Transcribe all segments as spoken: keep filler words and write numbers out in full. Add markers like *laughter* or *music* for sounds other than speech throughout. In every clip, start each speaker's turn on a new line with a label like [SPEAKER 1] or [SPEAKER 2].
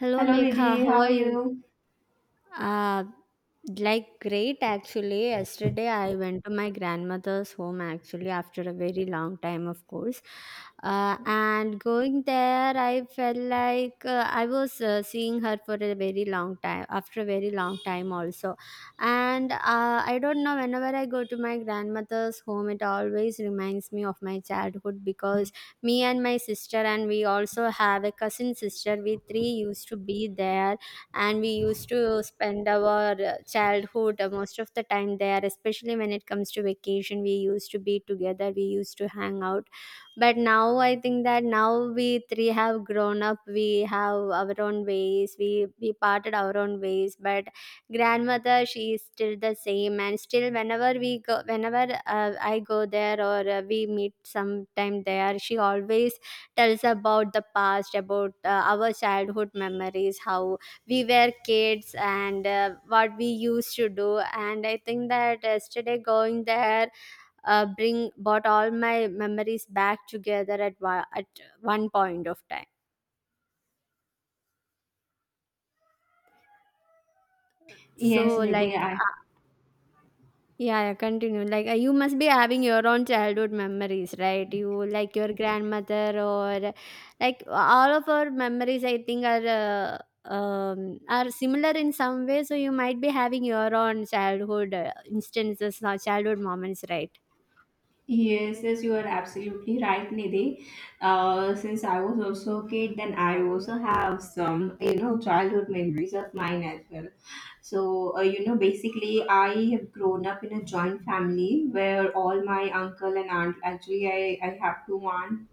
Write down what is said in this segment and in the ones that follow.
[SPEAKER 1] Hello,
[SPEAKER 2] Hello
[SPEAKER 1] Mekha.
[SPEAKER 2] Nidhi,
[SPEAKER 1] How
[SPEAKER 2] how
[SPEAKER 1] are
[SPEAKER 2] are
[SPEAKER 1] you?
[SPEAKER 2] you?
[SPEAKER 1] Uh, like, great actually. Yesterday, I went to my grandmother's home actually after a very long time, of course. Uh, and going there, I felt like uh, I was uh, seeing her for a very long time, after a very long time also. And uh, I don't know, whenever I go to my grandmother's home, it always reminds me of my childhood because me and my sister, and we also have a cousin sister, we three used to be there, and we used to spend our uh, childhood uh, most of the time there, especially when it comes to vacation. We used to be together, we used to hang out. But now I think that now we three have grown up, we have our own ways, we we parted our own ways. But grandmother, she is still the same, and still whenever we go, whenever uh, I go there, or uh, we meet sometime there, she always tells about the past, about uh, our childhood memories, how we were kids and uh, what we used to do. And I think that yesterday going there, uh, bring brought all my memories back together at wa- at one point of time.
[SPEAKER 2] Yes,
[SPEAKER 1] so
[SPEAKER 2] Nidhi,
[SPEAKER 1] like
[SPEAKER 2] I
[SPEAKER 1] uh, yeah, yeah, continue. Like uh, you must be having your own childhood memories, right? You like your grandmother, or like all of our memories, I think, are uh, um, are similar in some way. So you might be having your own childhood uh, instances or childhood moments, right?
[SPEAKER 2] yes, yes, you are absolutely right, Nidhi. Uh, since I was also a kid, then I also have some, you know, childhood memories of mine as well. So, uh, you know, basically, I have grown up in a joint family where all my uncle and aunt, actually, I, I have two aunt,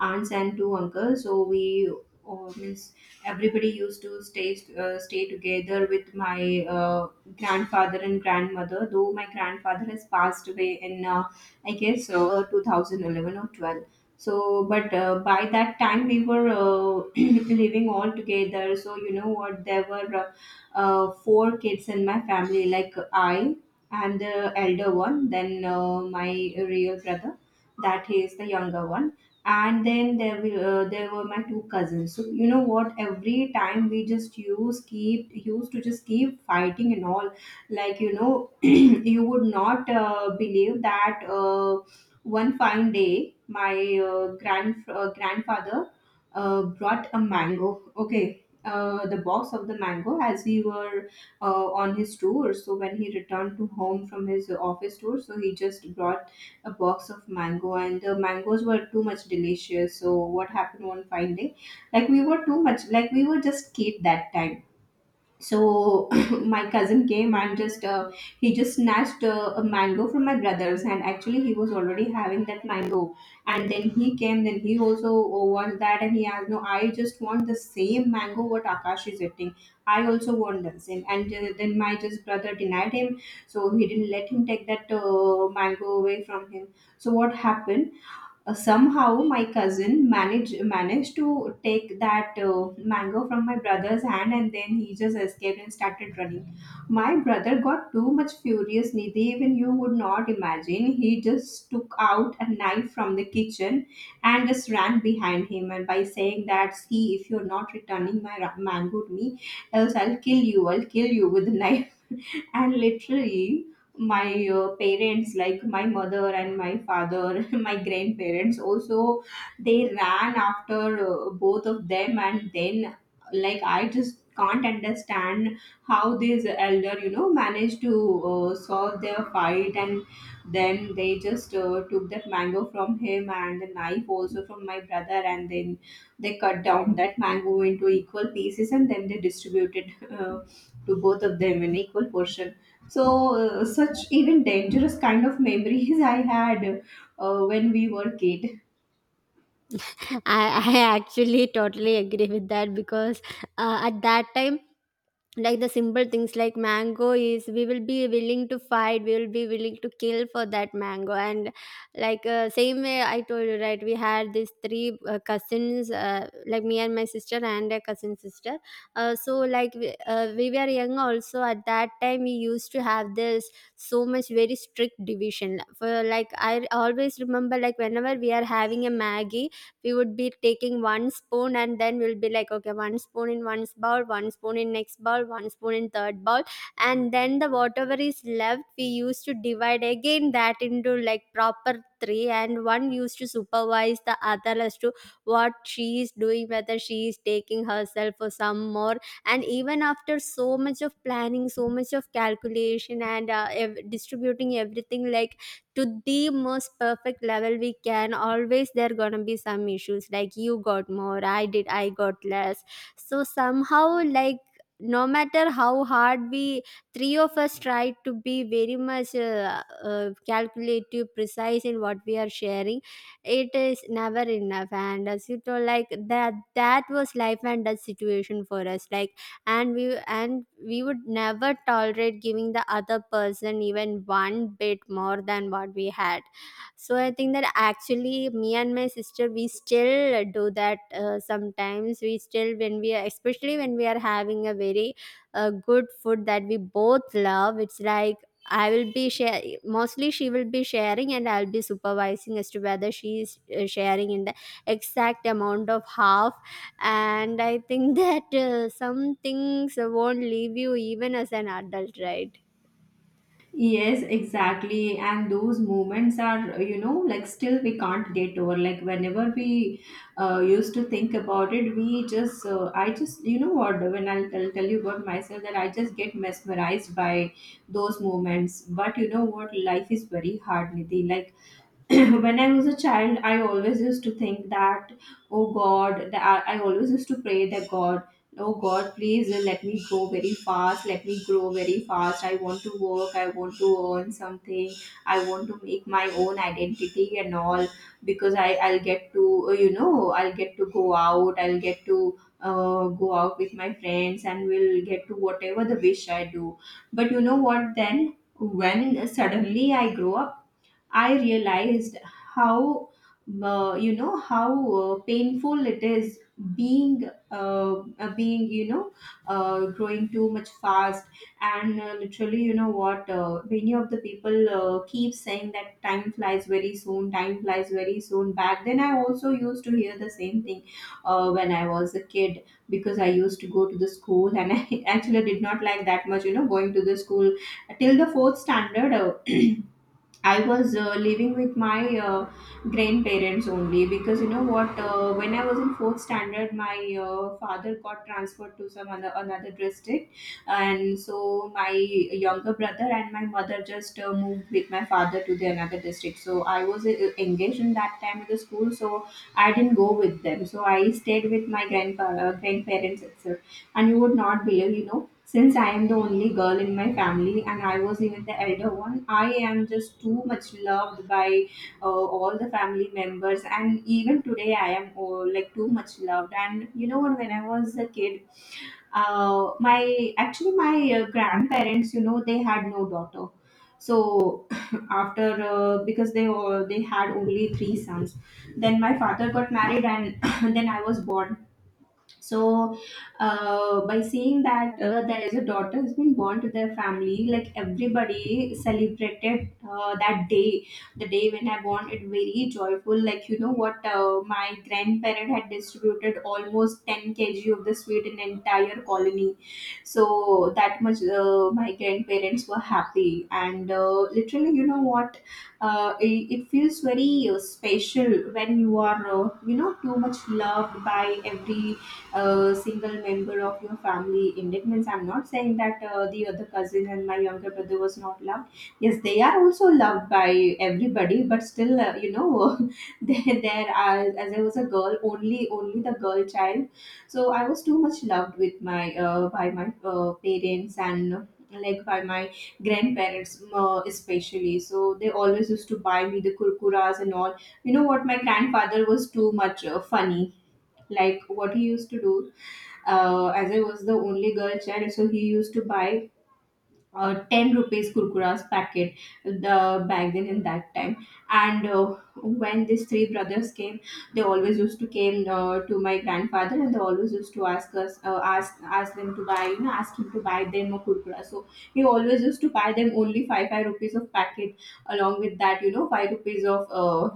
[SPEAKER 2] aunts and two uncles. So, we oh, means Everybody used to stay uh, stay together with my uh, grandfather and grandmother. Though my grandfather has passed away in, uh, I guess, uh, two thousand eleven or twelve. So, but uh, by that time we were uh, *clears throat* living all together. So you know what, there were uh, uh, four kids in my family, like I am the elder one, then uh, my real brother, that he is the younger one. And then there were uh, there were my two cousins. So you know what? Every time we just use keep used to just keep fighting and all. Like you know, *clears throat* you would not uh, believe that uh, one fine day my uh, grand uh, grandfather uh, brought a mango. Okay, uh, the box of the mango as he were uh, on his tour. So when he returned to home from his office tour, so he just brought a box of mango, and the mangoes were too much delicious. So what happened one fine day? Like we were too much, like we were just kid that time, so *clears throat* my cousin came and just uh, he just snatched uh, a mango from my brother's, and actually he was already having that mango. And then he came, then he also wants that, and he asked, "No, I just want the same mango what Akash is eating. I also want the same." And uh, then my just brother denied him, so he didn't let him take that uh, mango away from him. So what happened? Uh, somehow my cousin managed managed to take that uh, mango from my brother's hand, and then he just escaped and started running. My brother got too much furious, Nidhi. Even you would not imagine, he just took out a knife from the kitchen and just ran behind him and by saying that, "See, if you're not returning my ra- mango to me, else I'll kill you. I'll kill you with the knife." And literally my uh, parents, like my mother and my father, *laughs* my grandparents also, they ran after uh, both of them. And then, like, I just can't understand how this elder, you know, managed to uh, solve their fight. And then they just uh, took that mango from him and the knife also from my brother, and then they cut down that mango into equal pieces and then they distributed *laughs* uh, to both of them in equal portion. So, uh, such even dangerous kind of memories *laughs* I had uh, when we were kid.
[SPEAKER 1] I, I actually totally agree with that, because uh, at that time, like the simple things like mango is, we will be willing to fight, we will be willing to kill for that mango. And like uh, same way I told you, right? We had these three uh, cousins, uh, like me and my sister and a cousin sister. Uh, so like we, uh, we were young also at that time, we used to have this so much very strict division. For like I always remember, like whenever we are having a maggie, we would be taking one spoon, and then we'll be like, okay, one spoon in one bowl, one spoon in next bowl, one spoon in third bowl. And then the whatever is left we used to divide again that into like proper three, and one used to supervise the other as to what she is doing, whether she is taking herself or some more. And even after so much of planning, so much of calculation, and uh, ev- distributing everything like to the most perfect level we can, always there gonna be some issues, like you got more, i did I got less. So somehow, like no matter how hard we three of us try to be very much uh, uh, calculative, precise in what we are sharing, it is never enough. And as you told, like that that was life and death situation for us, like. And we and we would never tolerate giving the other person even one bit more than what we had. So I think that actually me and my sister, we still do that uh, sometimes. We still, when we are, especially when we are having a very uh, good food that we both love, it's like I will be share mostly, she will be sharing and I'll be supervising as to whether she is uh, sharing in the exact amount of half. And I think *laughs* that uh, some things won't leave you even as an adult, right?
[SPEAKER 2] Yes, exactly. And those moments are, you know, like still we can't get over. Like whenever we uh, used to think about it, we just, uh, I just, you know what, when I'll, I'll tell you about myself, that I just get mesmerized by those moments. But you know what, life is very hard, Nidhi. Like, *coughs* *clears throat* when I was a child, I always used to think that, oh God, that I I always used to pray that, "God, oh God, please let me grow very fast, let me grow very fast. I want to work, I want to earn something, I want to make my own identity and all, because I, I'll get to, uh, you know, I'll get to go out, I'll get to uh, go out with my friends and we'll get to whatever the wish I do." But you know what, then when suddenly I grow up, I realized how uh, you know how uh, painful it is being uh, uh, being you know uh, growing too much fast. And uh, literally you know what, uh, many of the people uh, keep saying that time flies very soon, time flies very soon. Back then I also used to hear the same thing uh, when I was a kid, because I used to go to the school, and *laughs* I actually did not like that much, you know, going to the school. Till the fourth standard uh, *clears throat* I was uh, living with my uh, grandparents only. Because you know what? Uh, when I was in fourth standard, my uh, father got transferred to some other another district, and so my younger brother and my mother just uh, moved with my father to the another district. So I was uh, engaged in that time with the school, so I didn't go with them. So I stayed with my grandpa uh, grandparents itself, and you would not believe, you know, since I am the only girl in my family and I was even the elder one, I am just too much loved by uh, all the family members. And even today, I am uh, like too much loved. And you know, what, when I was a kid, uh, my actually my uh, grandparents, you know, they had no daughter. So *clears throat* after uh, because they all they had only three sons, then my father got married, and *clears throat* then I was born. So uh, by seeing that uh, there is a daughter who's been born to their family, like everybody celebrated uh, that day, the day when I born, it very joyful. Like you know what, uh, my grandparent had distributed almost ten kilograms of the sweet in entire colony. So that much uh, my grandparents were happy. And uh, literally you know what, uh, it, it feels very uh, special when you are, uh, you know, too much loved by every a single member of your family in. It means I'm not saying that uh, the other cousin and my younger brother was not loved. Yes, they are also loved by everybody, but still uh, you know, *laughs* there, there are as I was a girl, only only the girl child, so I was too much loved with my uh, by my uh, parents and uh, like by my grandparents uh, especially. So they always used to buy me the kurkuras and all. You know what, my grandfather was too much uh, funny. Like what he used to do, uh, as I was the only girl child, so he used to buy uh, ten rupees kurkuras packet the back then in that time. And uh, when these three brothers came, they always used to came uh, to my grandfather, and they always used to ask us uh, ask ask them to buy, you know, ask him to buy them a kurkura. So he always used to buy them only 5 5 rupees of packet, along with that, you know, five rupees of uh,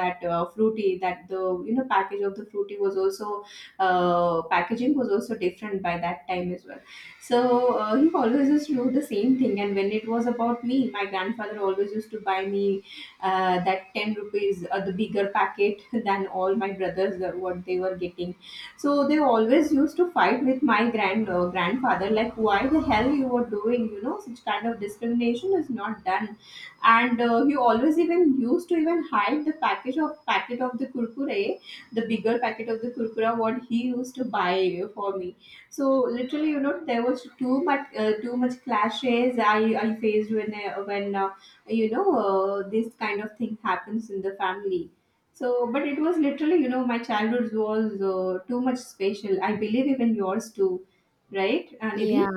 [SPEAKER 2] that uh, fruity. That the, you know, package of the fruity was also uh, packaging was also different by that time as well. So uh, he always used to do the same thing. And when it was about me, my grandfather always used to buy me uh, that ten rupees, uh, the bigger packet *laughs* than all my brothers, uh, what they were getting. So they always used to fight with my grand uh, grandfather, like, "Why the hell you were doing, you know, such kind of discrimination is not done." And uh, he always even used to even hide the package of packet of the kurkure, the bigger packet of the kurkura, what he used to buy for me. So literally, you know, there was too much, uh, too much clashes I, I faced when I, when uh, you know uh, this kind of thing happens in the family. So, but it was literally, you know, my childhood was uh, too much special. I believe even yours too, right,
[SPEAKER 1] Yeah,
[SPEAKER 2] Anidhi?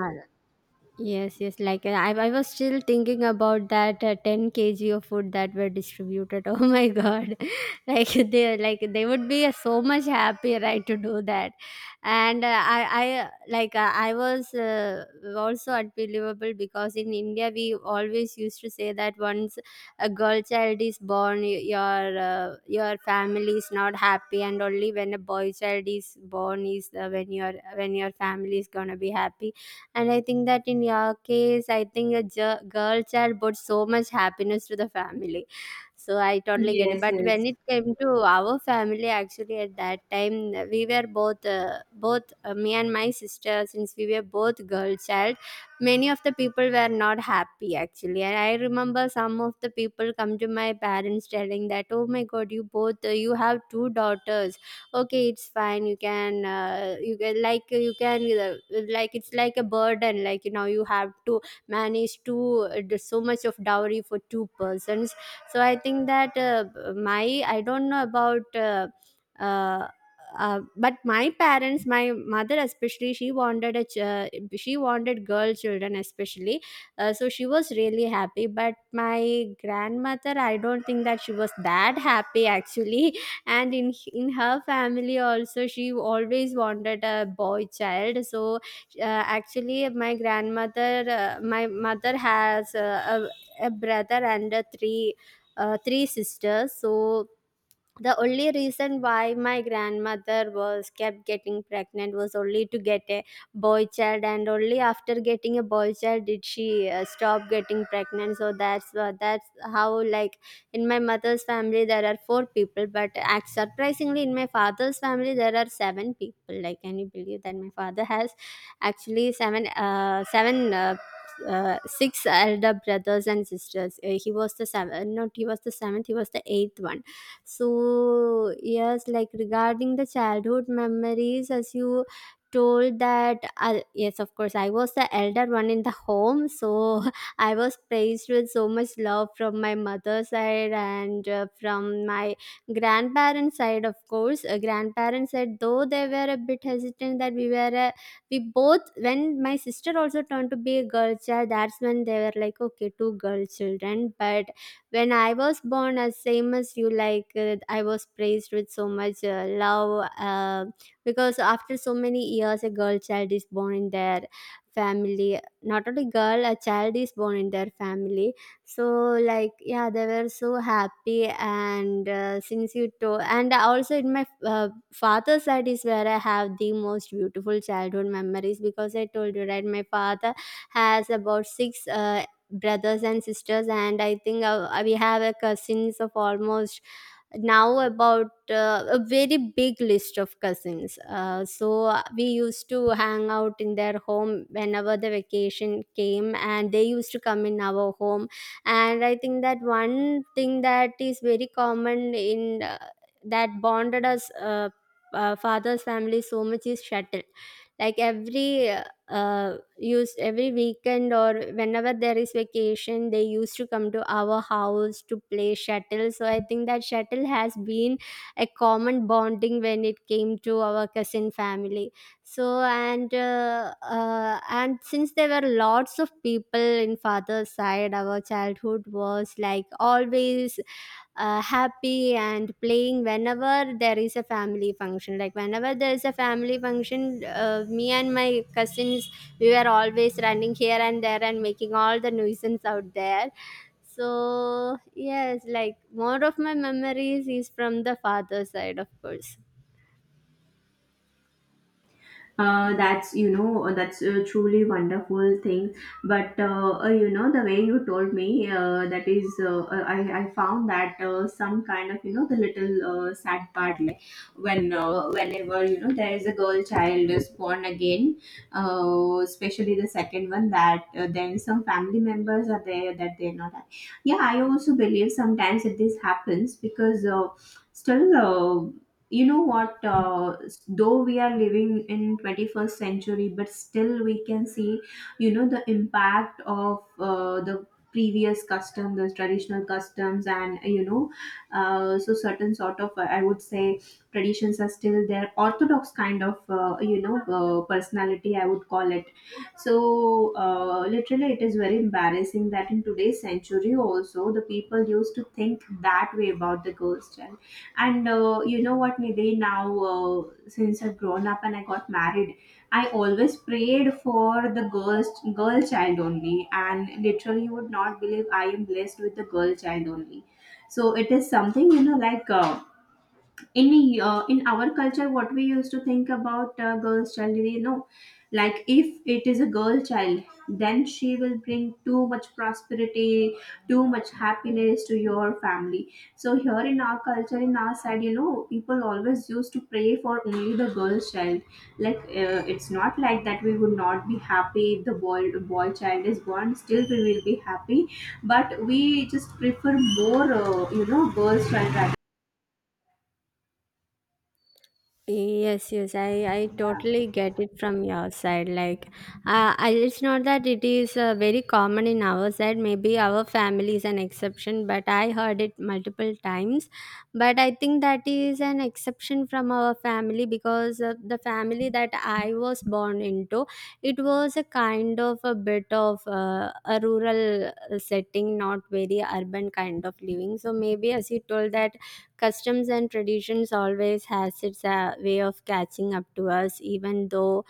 [SPEAKER 1] yes, yes. Like uh, I, I was still thinking about that uh, ten kilograms of food that were distributed. *laughs* Oh my god! *laughs* Like they, like they would be uh, so much happy, right, to do that. And uh, I, I like uh, I was uh, also unbelievable, because in India we always used to say that once a girl child is born, y- your uh, your family is not happy, and only when a boy child is born is uh, when your, when your family is gonna be happy. And I think that in your case, I think a gi- girl child brought so much happiness to the family. So I totally get it.
[SPEAKER 2] Yes,
[SPEAKER 1] But when
[SPEAKER 2] yes.
[SPEAKER 1] it came to our family, actually at that time we were both uh, both uh, me and my sister, since we were both girl child, many of the people were not happy actually. And I remember some of the people come to my parents telling that, oh my god, you both uh, you have two daughters, okay, it's fine, you can uh, you can like you can uh, like it's like a burden, like you know, you have to manage to uh, do so much of dowry for two persons. So I think that uh, my I don't know about uh, uh, uh, but my parents, my mother especially, she wanted a ch- uh, she wanted girl children especially. Uh, so she was really happy. But my grandmother, I don't think that she was that happy actually. And in in her family also, she always wanted a boy child. So uh, actually my grandmother, uh, my mother has uh, a, a brother and uh, three uh, three sisters. So the only reason why my grandmother was kept getting pregnant was only to get a boy child. And only after getting a boy child did she uh, stop getting pregnant. So that's wha- that's how, like in my mother's family there are four people. But act, surprisingly, in my father's family there are seven people. Like, can you believe that? My father has actually seven uh, seven uh, uh, six elder brothers and sisters. Uh, he was the seven. Not he was the seventh, he was the eighth one. So, yes, like regarding the childhood memories, as you told, that I, yes, of course, I was the elder one in the home, so *laughs* I was praised with so much love from my mother's side, and uh, from my grandparents side, of course. Uh, grandparents side, though they were a bit hesitant, that we were uh, we both, when my sister also turned to be a girl child, that's when they were like, okay, two girl children. But when I was born, as same as you, like uh, I was praised with so much uh, love uh, because after so many years, a girl child is born in their family. Not only girl, a child is born in their family. So like, yeah, they were so happy. And uh, since you told, and also in my uh, father's side is where I have the most beautiful childhood memories, because I told you right, my father has about six uh, brothers and sisters. And I think, uh, uh, we have a cousins of almost now about uh, a very big list of cousins. Uh, so uh, we used to hang out in their home whenever the vacation came, and they used to come in our home. And I think that one thing that is very common in uh, that bonded us, uh, uh, father's family so much, is shuttle. Like every uh, uh, used every weekend or whenever there is vacation, they used to come to our house to play shuttle. So I think that shuttle has been a common bonding when it came to our cousin family. So, and uh, uh, and since there were lots of people in father's side, our childhood was like always uh, happy and playing. Whenever there is a family function, like whenever there is a family function, uh, me and my cousins, we were always running here and there and making all the nuisance out there. So yes, like more of my memories is from the father's side, of course.
[SPEAKER 2] uh, that's you know uh, that's a truly wonderful thing. But uh, uh, you know the way you told me, uh, that is uh, uh, I, I found that uh, some kind of, you know the little, uh, sad part, like when uh, whenever, you know there is a girl child is born again, uh, especially the second one, that uh, then some family members are there that they're not. Yeah, I also believe sometimes that this happens because uh, still uh, you know what uh, though we are living in twenty-first century, but still we can see, you know the impact of uh, the previous custom, the traditional customs, and you know uh, so certain sort of, uh, I would say, traditions are still there. Orthodox kind of, uh, you know uh, personality, I would call it. So uh, literally, it is very embarrassing that in today's century also, the people used to think that way about the girls child. And uh, you know what, Nidhi, now, uh, since I've grown up and I got married, I always prayed for the girls, girl child only. And literally, you would not believe, I am blessed with the girl child only. So it is something, you know, like. Uh, in uh, in our culture, what we used to think about a girl's child, you know like, if it is a girl child, then she will bring too much prosperity, too much happiness to your family. So here in our culture, in our side, you know people always used to pray for only the girl's child. Like, uh, it's not like that we would not be happy if the boy boy child is born. Still we will be happy. But we just prefer more, uh, you know girl's child, rather.
[SPEAKER 1] Yes, yes, I, I
[SPEAKER 2] Yeah.
[SPEAKER 1] totally get it from your side. Like, uh, I, it's not that it is uh, very common in our side. Maybe our family is an exception, but I heard it multiple times. But I think that is an exception from our family, because uh, the family that I was born into, it was a kind of a bit of uh, a rural uh, setting, not very urban kind of living. So maybe as you told, that customs and traditions always has its uh, way of catching up to us, even though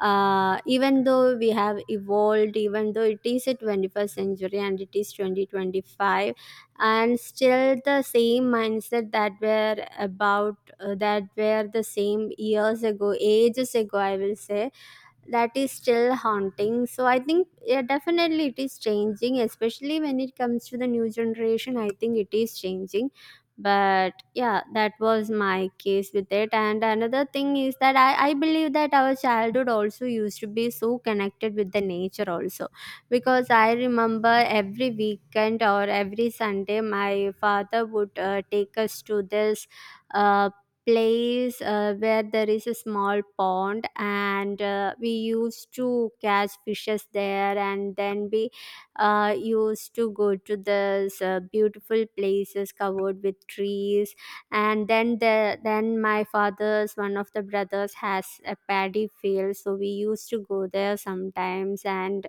[SPEAKER 1] uh, even though we have evolved, even though it is a twenty-first century and it is twenty twenty-five, and still the same mindset that were about uh, that were the same years ago, ages ago, I will say, that is still haunting. So I think, yeah, definitely it is changing, especially when it comes to the new generation. I think it is changing. But yeah, that was my case with it. And another thing is that I, I believe that our childhood also used to be so connected with the nature also. Because I remember every weekend or every Sunday, my father would uh, take us to this uh, place uh, where there is a small pond, and uh, we used to catch fishes there. And then we uh, used to go to those uh, beautiful places covered with trees. And then the then my father's one of the brothers has a paddy field, so we used to go there sometimes and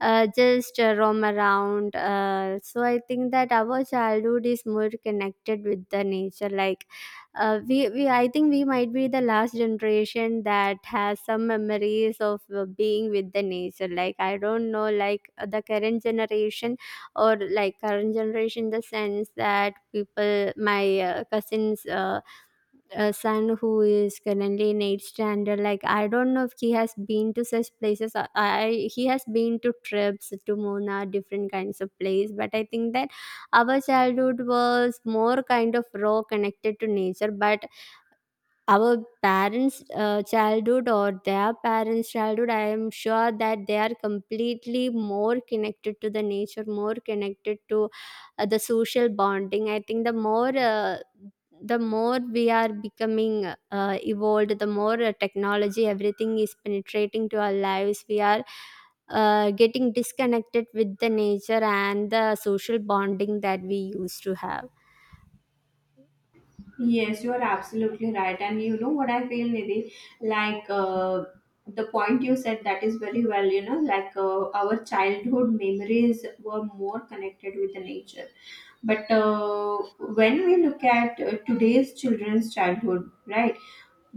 [SPEAKER 1] uh, just uh, roam around. Uh, so I think that our childhood is more connected with the nature. Like uh, we, we I think we might be the last generation that has some memories of uh, being with the nature, like I don't know, like uh, the current generation, or like current generation in the sense that people, my uh, cousin's uh, uh, son who is currently in eighth standard. Like, I don't know if he has been to such places. I I- he has been to trips to Mona, different kinds of place. But I think that our childhood was more kind of raw, connected to nature. But our parents uh, childhood or their parents childhood, I am sure that they are completely more connected to the nature, more connected to uh, the social bonding. I think the more uh, the more we are becoming uh, evolved, the more uh, technology, everything is penetrating to our lives, we are uh, getting disconnected with the nature and the social bonding that we used to have.
[SPEAKER 2] Yes, you are absolutely right. And you know what I feel, Nidhi? Like, uh, the point you said, that is very well, you know, like uh, our childhood memories were more connected with the nature. But uh, when we look at uh, today's children's childhood, right?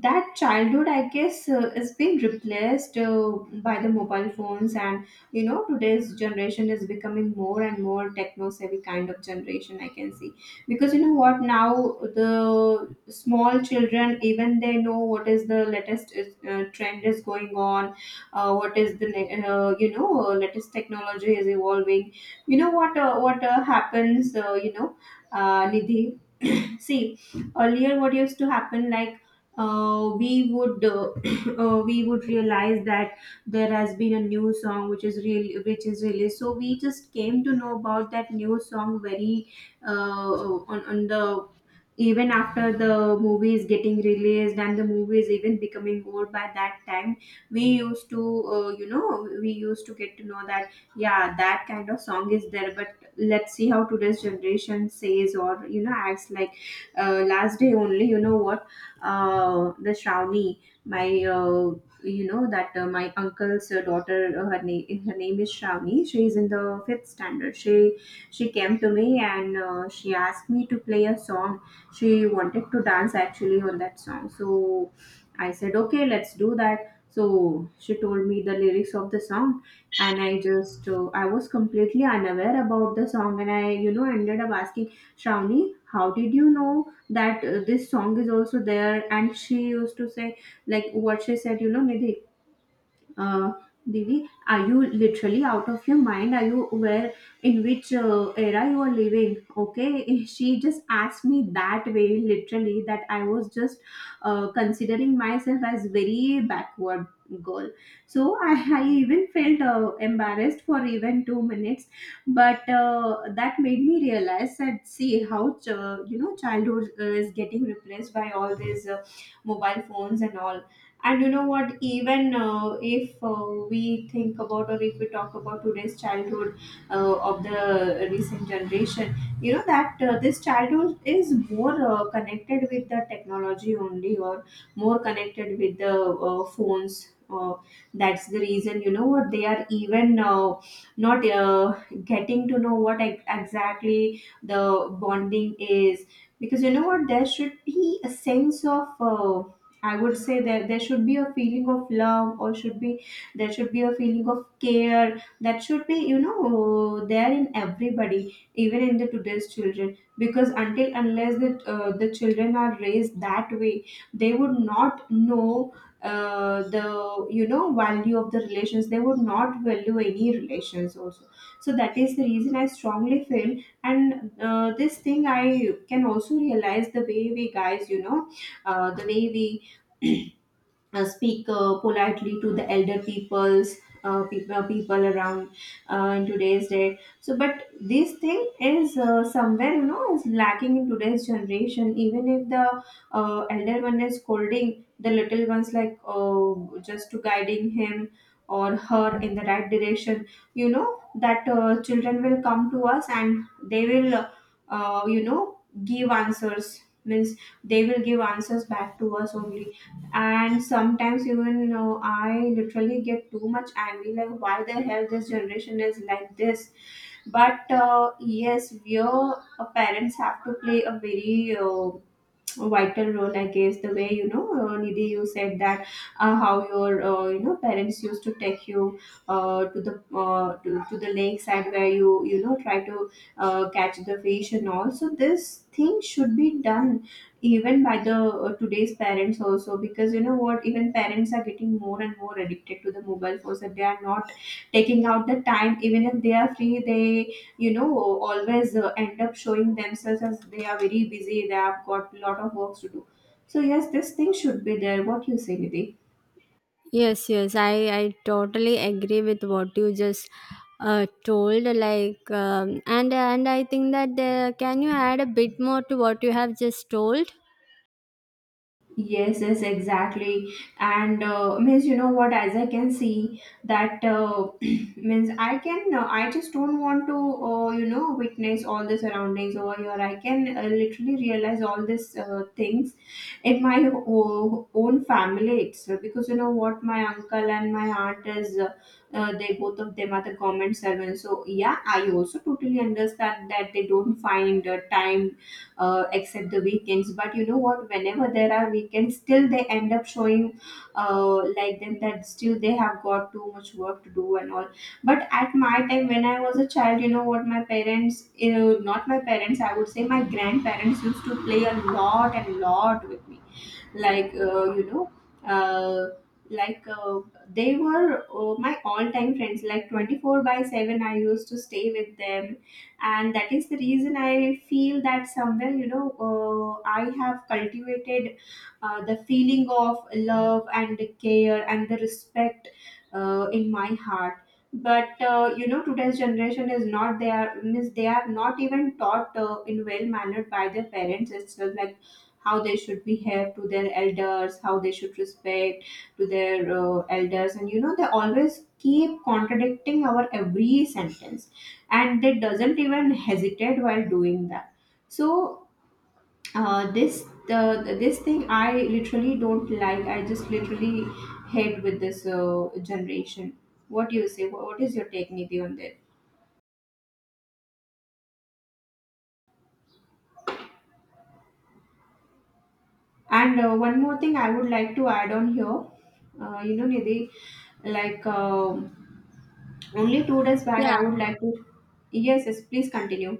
[SPEAKER 2] That childhood, I guess, uh, is being replaced, uh, by the mobile phones. And you know today's generation is becoming more and more techno savvy kind of generation, I can see. Because you know what, now the small children even, they know what is the latest uh, trend is going on. Uh, what is the ne- uh, you know uh, latest technology is evolving. You know what, uh, what uh, happens, uh, you know uh, Nidhi? *laughs* *clears throat* See, earlier what used to happen, like, uh, we would uh, *clears throat* uh, we would realize that there has been a new song which is really, which is released. So we just came to know about that new song very, uh, on, on the, even after the movie is getting released, and the movie is even becoming old by that time, we used to, uh, you know we used to get to know that, yeah, that kind of song is there. But let's see how today's generation says, or you know acts like. Uh, last day only, you know what, uh, the shravani my uh, you know that, uh, my uncle's uh, daughter, uh, her name her name is Shravani. She is in the fifth standard. She she came to me, and uh, she asked me to play a song. She wanted to dance actually on that song, so I said, okay, let's do that. So she told me the lyrics of the song. And i just uh, i was completely unaware about the song, and I, you know ended up asking Shravani, how did you know that uh, this song is also there? And she used to say, like, what she said, you know, Nidhi, uh, Divi, are you literally out of your mind? Are you, where, in which uh, era you are living? Okay, *laughs* she just asked me that way, literally, that I was just uh, considering myself as very backward girl. So I, I even felt uh, embarrassed for even two minutes, but uh, that made me realize that, see how ch- uh, you know childhood uh, is getting replaced by all these uh, mobile phones and all. And you know what? Even uh, if uh, we think about, or if we talk about today's childhood uh, of the recent generation, you know that uh, this childhood is more uh, connected with the technology only, or more connected with the uh, phones. Uh, that's the reason, you know what? They are even uh, not uh, getting to know what ex- exactly the bonding is. Because you know what? There should be a sense of. Uh, I would say that there should be a feeling of love, or should be there should be a feeling of care that should be, you know there in everybody, even in the today's children. Because until unless the uh, the children are raised that way, they would not know uh, the, you know value of the relations. They would not value any relations also. So that is the reason I strongly feel. And uh, this thing I can also realize, the way we guys you know uh, the way we uh, speak uh, politely to the elder peoples uh, people, people around, uh, in today's day. So but this thing is uh, somewhere, you know is lacking in today's generation. Even if the uh, elder one is scolding the little ones, like, uh, just to guiding him or her in the right direction, you know that uh, children will come to us, and they will, uh, uh, you know give answers, means they will give answers back to us only. And sometimes even, uh, I literally get too much angry, like, why the hell this generation is like this. But uh, yes, your parents have to play a very uh, vital role, I guess. The way, you know uh, Nidhi, you said that, uh, how your, uh, you know parents used to take you, uh, to the uh, to, to the lakeside where you you know try to uh, catch the fish and all. So this thing should be done even by the uh, today's parents also. Because you know what, even parents are getting more and more addicted to the mobile phones, that they are not taking out the time. Even if they are free, they, you know always uh, end up showing themselves as they are very busy, they have got a lot of works to do. So yes, this thing should be there. What you say, Nidhi?
[SPEAKER 1] Yes, yes, I, I totally agree with what you just uh, told. Like, um, and and I think that uh, can you add a bit more to what you have just told?
[SPEAKER 2] Yes, yes, exactly. And uh, means, you know what? As I can see that, uh, *clears throat* means I can. Uh, I just don't want to, uh, you know, witness all the surroundings over here. I can uh, literally realize all these uh, things in my o- own family itself. Because you know what, my uncle and my aunt is. Uh, uh, they, both of them, are the government servants. So yeah, I also totally understand that they don't find uh, time, uh, except the weekends. But you know what, whenever there are weekends, still they end up showing, uh, like them, that still they have got too much work to do and all. But at my time when I was a child, you know what, my parents, you know, not my parents, I would say, my grandparents used to play a lot and lot with me. Like, uh, you know uh, like uh, they were uh, my all-time friends, like twenty-four by seven, I used to stay with them. And that is the reason I feel that somewhere, you know uh, I have cultivated uh, the feeling of love and care and the respect uh, in my heart. But uh, you know today's generation is not there, means they are not even taught uh, in well mannered by their parents itself, like how they should behave to their elders, how they should respect to their uh, elders. And you know, they always keep contradicting our every sentence, and they doesn't even hesitate while doing that. So uh, this the, this thing I literally don't like. I just literally hate with this uh, generation. What do you say? What, what is your take, Nidhi, on this? And uh, one more thing I would like to add on here. Uh, you know nidhi, like um only two days back,
[SPEAKER 1] Yeah.
[SPEAKER 2] I would like to. Yes, yes, please continue.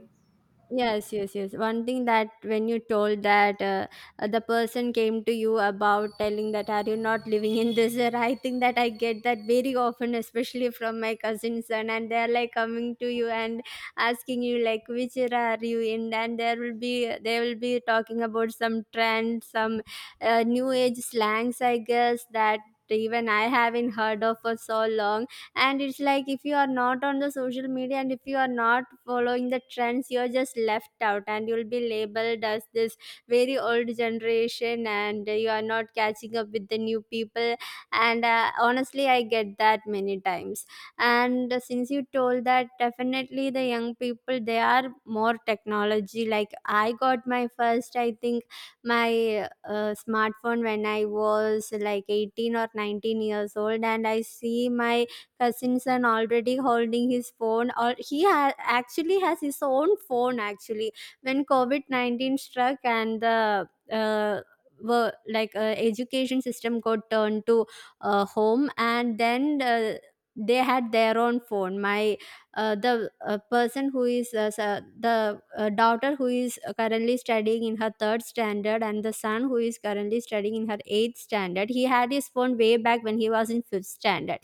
[SPEAKER 1] Yes, yes, yes. One thing, that when you told that uh, uh, the person came to you about telling that are you not living in this era, I think that I get that very often, especially from my cousin's son, and they're like coming to you and asking you like which era are you in, and there will be they will be talking about some trend, some uh, new age slangs, I guess that even I haven't heard of for so long. And it's like if you are not on the social media and if you are not following the trends, you're just left out and you'll be labeled as this very old generation and you are not catching up with the new people. And uh, honestly, I get that many times. And uh, since you told that, definitely the young people they are more technology, like I got my first, I think my uh, smartphone when I was like eighteen or nineteen years old, and I see my cousins and already holding his phone, or he ha- actually has his own phone. Actually, when covid nineteen struck and the uh, were like uh, education system got turned to uh, home, and then uh, they had their own phone. My uh, the uh, person who is uh, sa- the uh, daughter who is currently studying in her third standard, and the son who is currently studying in her eighth standard, he had his phone way back when he was in fifth standard.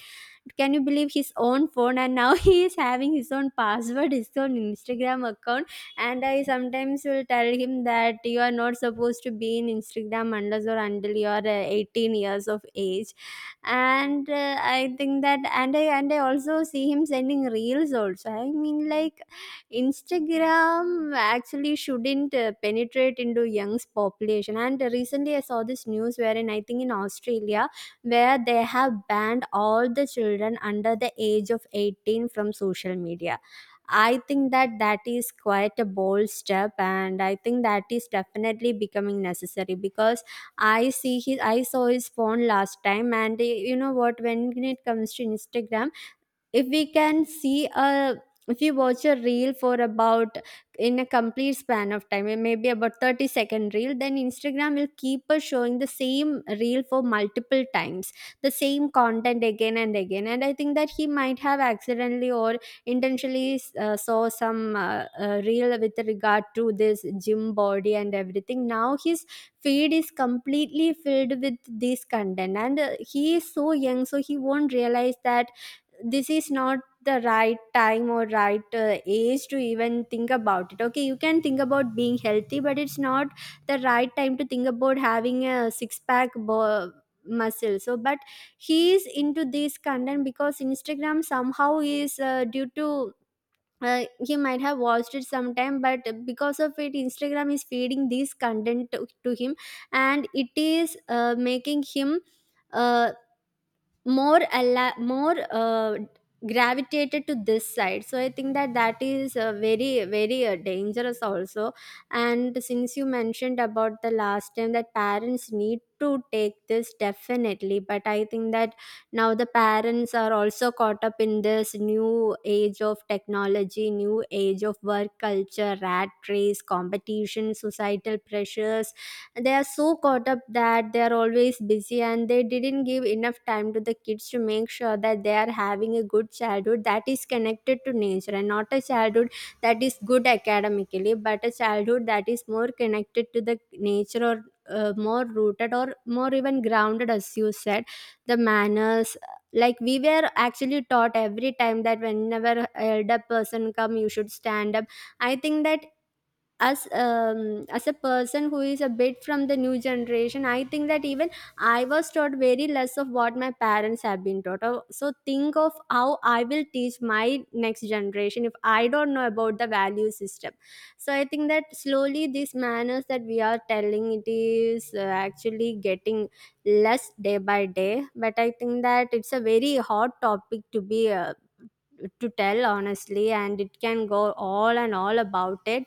[SPEAKER 1] Can you believe? His own phone, and now *laughs* he is having his own password, his own Instagram account. And I sometimes will tell him that you are not supposed to be in Instagram unless or until you are uh, eighteen years of age. And uh, i think that and i and i also see him sending reels also. I mean, like, Instagram actually shouldn't uh, penetrate into young's population. And recently I saw this news wherein I think in Australia, where they have banned all the children under the age of eighteen from social media. I think that that is quite a bold step, and I think that is definitely becoming necessary because I see his, I saw his phone last time, and eh, you know what? When it comes to Instagram, if we can see a if you watch a reel for about, in a complete span of time, it may be about thirty second reel, then Instagram will keep us showing the same reel for multiple times, the same content again and again. And I think that he might have accidentally or intentionally uh, saw some uh, uh, reel with regard to this gym body and everything. Now his feed is completely filled with this content, and uh, he is so young, so he won't realize that this is not the right time or right uh, age to even think about it. Okay, you can think about being healthy, but it's not the right time to think about having a six pack bo- muscle. So, but he is into this content because Instagram somehow is uh, due to uh, he might have watched it sometime, but because of it Instagram is feeding this content to, to him. And it is uh, making him uh, more alla- more uh, gravitated to this side. So I think that that is uh, very very uh, dangerous also. And since you mentioned about the last time that parents need to take this, definitely. But I think that now the parents are also caught up in this new age of technology, new age of work culture, rat race, competition, societal pressures. They are so caught up that they are always busy, and they didn't give enough time to the kids to make sure that they are having a good childhood that is connected to nature, and not a childhood that is good academically, but a childhood that is more connected to the nature, or uh, more rooted or more even grounded, as you said. The manners, like we were actually taught every time, that whenever elder person come, you should stand up. I think that, as um, as a person who is a bit from the new generation, I think that even I was taught very less of what my parents have been taught. Uh, so think of how I will teach my next generation if I don't know about the value system. So I think that slowly these manners that we are telling, it is uh, actually getting less day by day. But I think that it's a very hot topic to be uh, to tell honestly, and it can go all and all about it.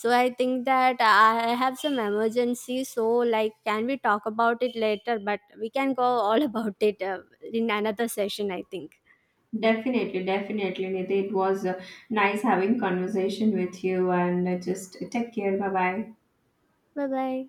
[SPEAKER 1] So I think that I have some emergency, so like can we talk about it later? But we can go all *laughs* about it, uh, in another session, I think.
[SPEAKER 2] Definitely, definitely, Nidhi. It was uh, nice having conversation with you, and uh, just take care. Bye bye.
[SPEAKER 1] Bye bye.